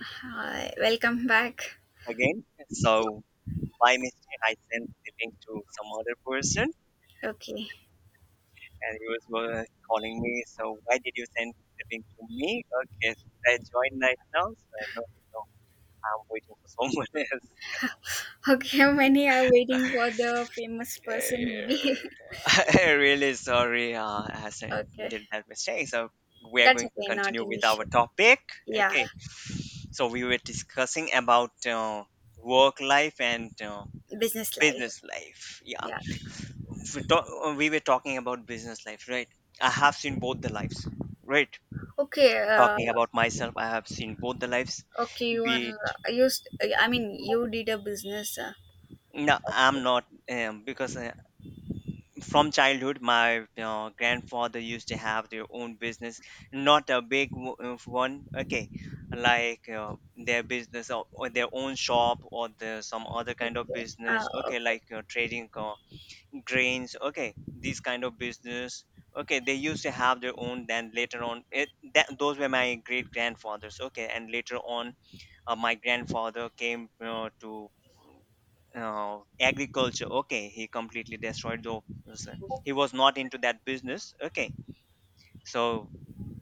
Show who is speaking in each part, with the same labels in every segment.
Speaker 1: Hi, welcome back.
Speaker 2: Again. So by mistake, I sent the link to some other person,
Speaker 1: Okay.
Speaker 2: and he was calling me. So why did you send the link to me? Okay, so should I join right now? So I know. No, I'm waiting for someone
Speaker 1: Okay, many are waiting for the famous person movie?
Speaker 2: else. Eh, really sorry,
Speaker 1: okay.
Speaker 2: did that mistake. So we are
Speaker 1: That's
Speaker 2: going to
Speaker 1: okay, not
Speaker 2: continue
Speaker 1: an
Speaker 2: with our
Speaker 1: issue.
Speaker 2: topic.
Speaker 1: Yeah,
Speaker 2: Okay, so we were discussing about work life and
Speaker 1: business life.
Speaker 2: business life. Yeah,
Speaker 1: Yeah.
Speaker 2: we were talking about business life, right? I have seen both the lives, right?
Speaker 1: Okay,
Speaker 2: Talking about myself, I have seen both the lives.
Speaker 1: okay, you
Speaker 2: Be
Speaker 1: are
Speaker 2: it
Speaker 1: used. I mean, you did a business.
Speaker 2: No, I'm
Speaker 1: Okay.
Speaker 2: not. Because from childhood, my grandfather used to have their own business. Not a big one. Okay, like their business, or their own shop, or the, some other
Speaker 1: Okay.
Speaker 2: kind of business. Okay,
Speaker 1: Okay.
Speaker 2: like trading grains, okay? These kind of business. Okay, they used to have their own, then later on it, that those were my great grandfathers. Okay, and later on, my grandfather came to agriculture. Okay, he completely destroyed those. He was not into that business, okay? So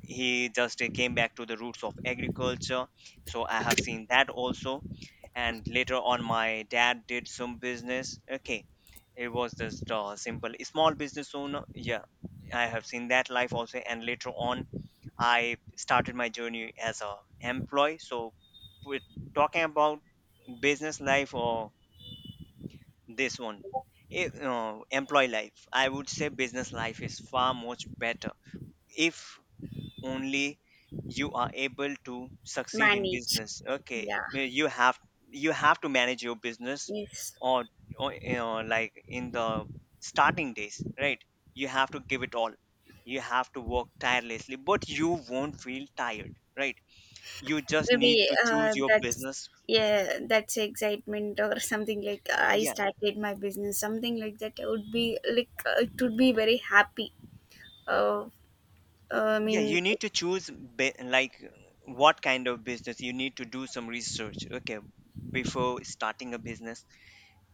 Speaker 2: he just came back to the roots of agriculture. So I have seen that also. And later on, my dad did some business, okay? It was just a simple small business owner. Yeah, I have seen that life also. And later on, I started my journey as a employee. So we're talking about business life or this one. Employee life, I would say business life is far much better if only you are able to succeed in
Speaker 1: Manage.
Speaker 2: business. Okay,
Speaker 1: Yeah.
Speaker 2: you have, you have to manage your business.
Speaker 1: Yes.
Speaker 2: Or, or you know, like in the starting days, right? You have to give it all. You have to work tirelessly, but you won't feel tired, right? You just need
Speaker 1: Maybe
Speaker 2: to choose your
Speaker 1: that's
Speaker 2: business.
Speaker 1: yeah, that's excitement or something like I
Speaker 2: Yeah,
Speaker 1: started my business, something like that. I would be like it would be very happy. Uh, I
Speaker 2: yeah,
Speaker 1: mean,
Speaker 2: you need to like what kind of business. You need to do some research, okay? Before starting a business,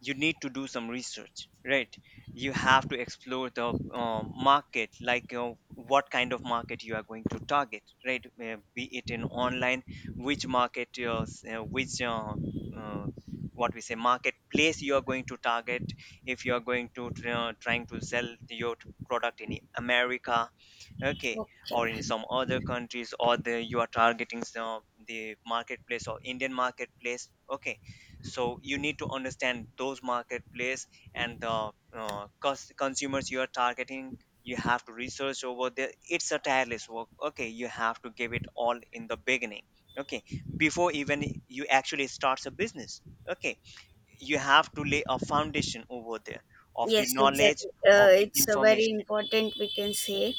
Speaker 2: you need to do some research, right? You have to explore the uh, market, like what kind of market you are going to target, right? Be it in online, which market, which, uh, what we say, marketplace, you are going to target. If you are going to trying to sell your product in America. Okay,
Speaker 1: okay.
Speaker 2: or in some other countries, or the you are targeting some, the marketplace or Indian marketplace. Okay, so you need to understand those marketplace and the consumers you are targeting. You have to research over there. It's a tireless work. Okay, you have to give it all in the beginning. Okay, before even you actually starts a business. Okay, you have to lay a foundation over there, of the
Speaker 1: Yes,
Speaker 2: knowledge,
Speaker 1: exactly.
Speaker 2: of the
Speaker 1: It's a very
Speaker 2: information.
Speaker 1: important, we can say,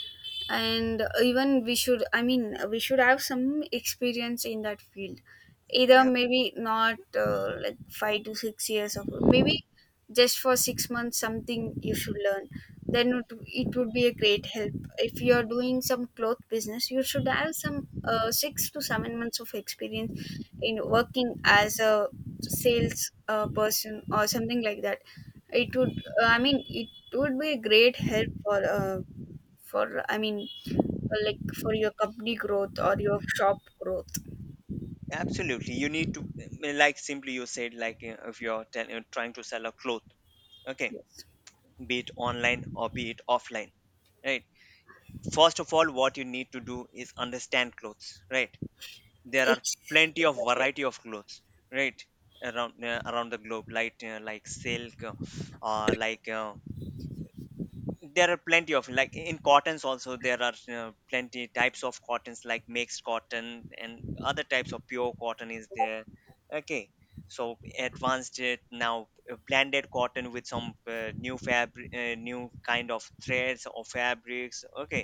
Speaker 1: and even we should. I mean, we should have some experience in that field. Either
Speaker 2: Yeah.
Speaker 1: maybe not like 5 to 6 years of, maybe just for 6 months something you should learn. Then it would be a great help. If you are doing some cloth business, you should have some 6 to 7 months of experience in working as a sales person or something like that. It would, I mean, it would be a great help for I mean, for like for your company growth or your shop growth.
Speaker 2: Absolutely, you need to like simply, you said, like if you're trying to sell a cloth. Okay,
Speaker 1: Yes,
Speaker 2: be it online or be it offline, right? First of all, what you need to do is understand clothes, right? There are
Speaker 1: Ex-
Speaker 2: plenty of
Speaker 1: exactly.
Speaker 2: variety of clothes, right? Around, around the globe, like silk, like, there are plenty of, like in cottons also, there are plenty types of cottons, like mixed cotton, and other types of pure cotton is there, okay? So advanced it now, blended cotton with some new fabric, new kind of threads or fabrics, okay?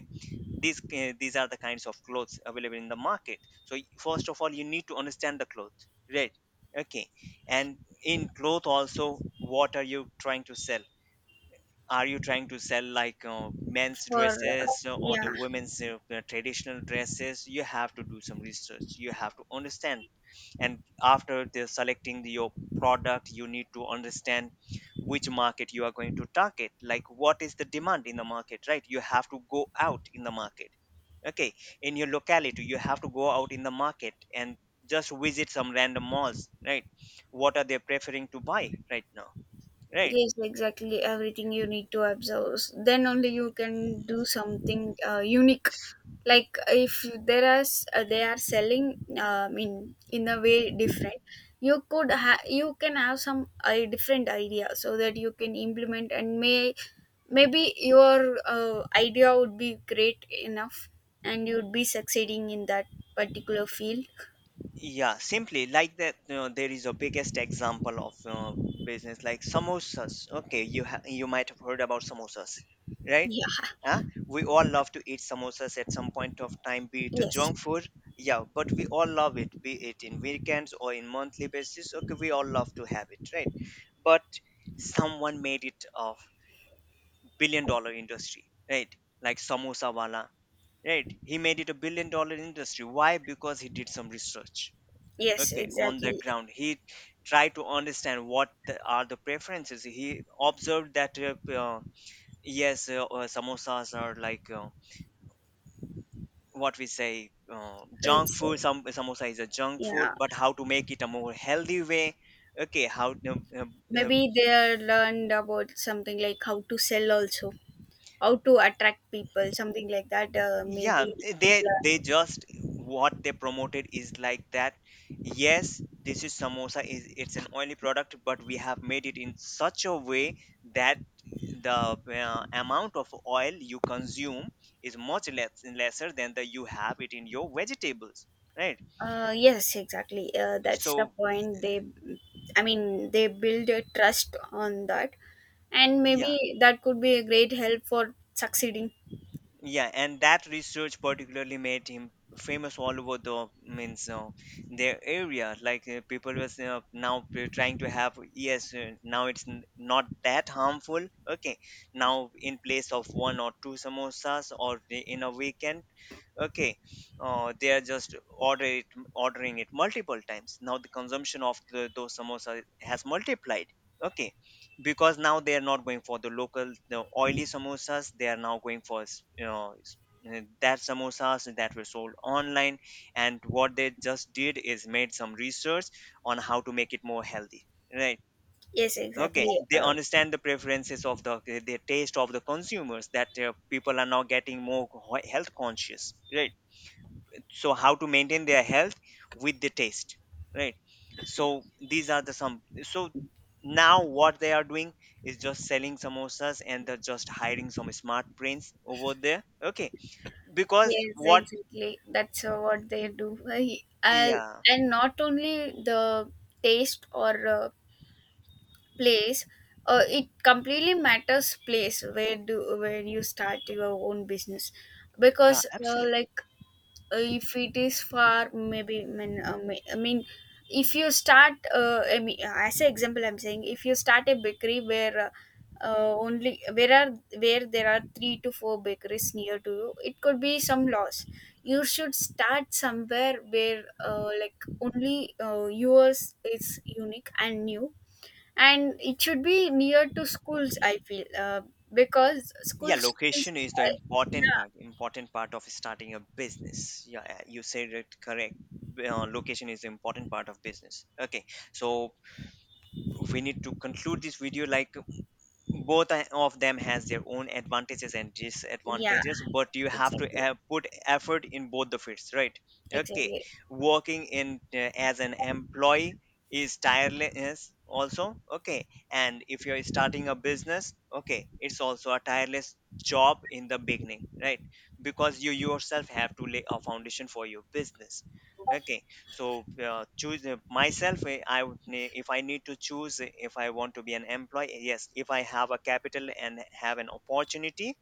Speaker 2: These, these are the kinds of clothes available in the market. So first of all, you need to understand the cloth, right? Okay. And in cloth also, what are you trying to sell? Are you trying to sell like men's
Speaker 1: For
Speaker 2: dresses, or
Speaker 1: yeah,
Speaker 2: the women's, traditional dresses? You have to do some research. You have to understand. And after the selecting the, your product, you need to understand which market you are going to target. Like what is the demand in the market, right? You have to go out in the market. Okay, in your locality, you have to go out in the market and just visit some random malls, right? What are they preferring to buy right now, right?
Speaker 1: yes, exactly. Everything you need to observe. Then only you can do something unique. Like if there are they are selling, I mean, in a way different. You can have some different idea so that you can implement and maybe your idea would be great enough and you'd be succeeding in that particular field.
Speaker 2: Yeah, simply like that. You know, there is a biggest example of business, like samosas. Okay, you you might have heard about samosas, right?
Speaker 1: Yeah.
Speaker 2: Huh? We all love to eat samosas at some point of time, be it a
Speaker 1: Yes.
Speaker 2: junk food. Yeah, but we all love it, be it in weekends or in monthly basis. Okay, we all love to have it, right? But someone made it a billion dollar industry, right? Like samosa wala, right? He made it a billion dollar industry. Why? Because he did some research,
Speaker 1: Yes.
Speaker 2: okay, on the
Speaker 1: Exactly.
Speaker 2: ground. He tried to understand what the, are the preferences. He observed that, yes, samosas are like, what we say, junk
Speaker 1: It's
Speaker 2: food. Some samosa is a junk food,
Speaker 1: yeah.
Speaker 2: but how to make it a more healthy way? Okay, how to, uh,
Speaker 1: Maybe they learned about something like how to sell also, how to attract people something like that,
Speaker 2: yeah,
Speaker 1: maybe they
Speaker 2: they
Speaker 1: learn.
Speaker 2: they just what they promoted is like that. Yes, this is, samosa is, it's an oily product, but we have made it in such a way that the amount of oil you consume is much less, lesser than the you have it in your vegetables, right?
Speaker 1: Yes exactly that's the
Speaker 2: So
Speaker 1: point they I mean they build a trust on that and
Speaker 2: yeah.
Speaker 1: maybe that could be a great help for succeeding.
Speaker 2: Yeah, and that research particularly made him famous all over the means, their area. Like people was, now trying to have, yes, now it's not that harmful. Okay, now in place of one or two samosas or in a weekend, okay, they are just order it, ordering it multiple times. Now the consumption of the, those samosa has multiplied, okay, because now they are not going for the local, the oily samosas. They are now going for you know, that samosas that were sold online. And what they just did is made some research on how to make it more healthy, right?
Speaker 1: Yes exactly
Speaker 2: Okay, they understand the preferences of the taste of the consumers, that people are now getting more health conscious, right? So how to maintain their health with the taste, right? So these are the some. So now what they are doing is just selling samosas, and they're just hiring some smart brains over there, okay? Because
Speaker 1: yes
Speaker 2: what,
Speaker 1: exactly that's what they do.
Speaker 2: yeah,
Speaker 1: And not only the taste or place, it completely matters place where do where you start your own business
Speaker 2: yeah,
Speaker 1: because
Speaker 2: absolutely,
Speaker 1: like if it is far maybe mean, I mean if you start I mean, as an example I'm saying if you start a bakery where only where are where there are three to four bakeries near to you it could be some loss. You should start somewhere where like only yours is unique and new and it should be near to schools I feel because
Speaker 2: yeah,
Speaker 1: school students
Speaker 2: location is the
Speaker 1: uh,
Speaker 2: important
Speaker 1: yeah
Speaker 2: part, important part of starting a business. Yeah, you said it correct. Uh, location is the important part of business, okay? So we need to conclude this video. Like, both of them has their own advantages and
Speaker 1: yeah
Speaker 2: disadvantages, but you have to
Speaker 1: exactly
Speaker 2: put effort in both the fields, right? Okay,
Speaker 1: exactly.
Speaker 2: working in as an employee is tireless also, okay? And if you're starting a business, okay, it's also a tireless job in the beginning, right? Because you yourself have to lay a foundation for your business, okay? So choose, myself, I would if I need to choose, if I want to be an employee, yes, if I have a capital and have an opportunity.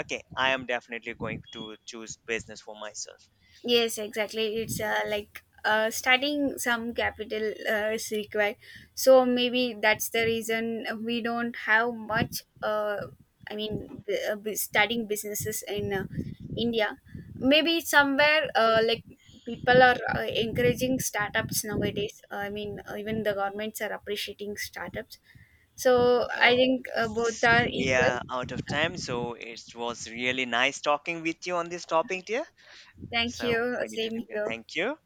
Speaker 2: Okay, I am definitely going to choose business for myself.
Speaker 1: Yes, exactly. It's like starting some capital is required. So maybe that's the reason we don't have much. I mean, starting businesses in India. Maybe somewhere like people are encouraging startups nowadays. I mean, even the governments are appreciating startups. So I
Speaker 2: Uh,
Speaker 1: think both are
Speaker 2: we
Speaker 1: equal.
Speaker 2: are out of time, so it was really nice talking with you on this topic, dear.
Speaker 1: Thank
Speaker 2: So
Speaker 1: you.
Speaker 2: we need to
Speaker 1: Same
Speaker 2: conclude.
Speaker 1: here.
Speaker 2: Thank you.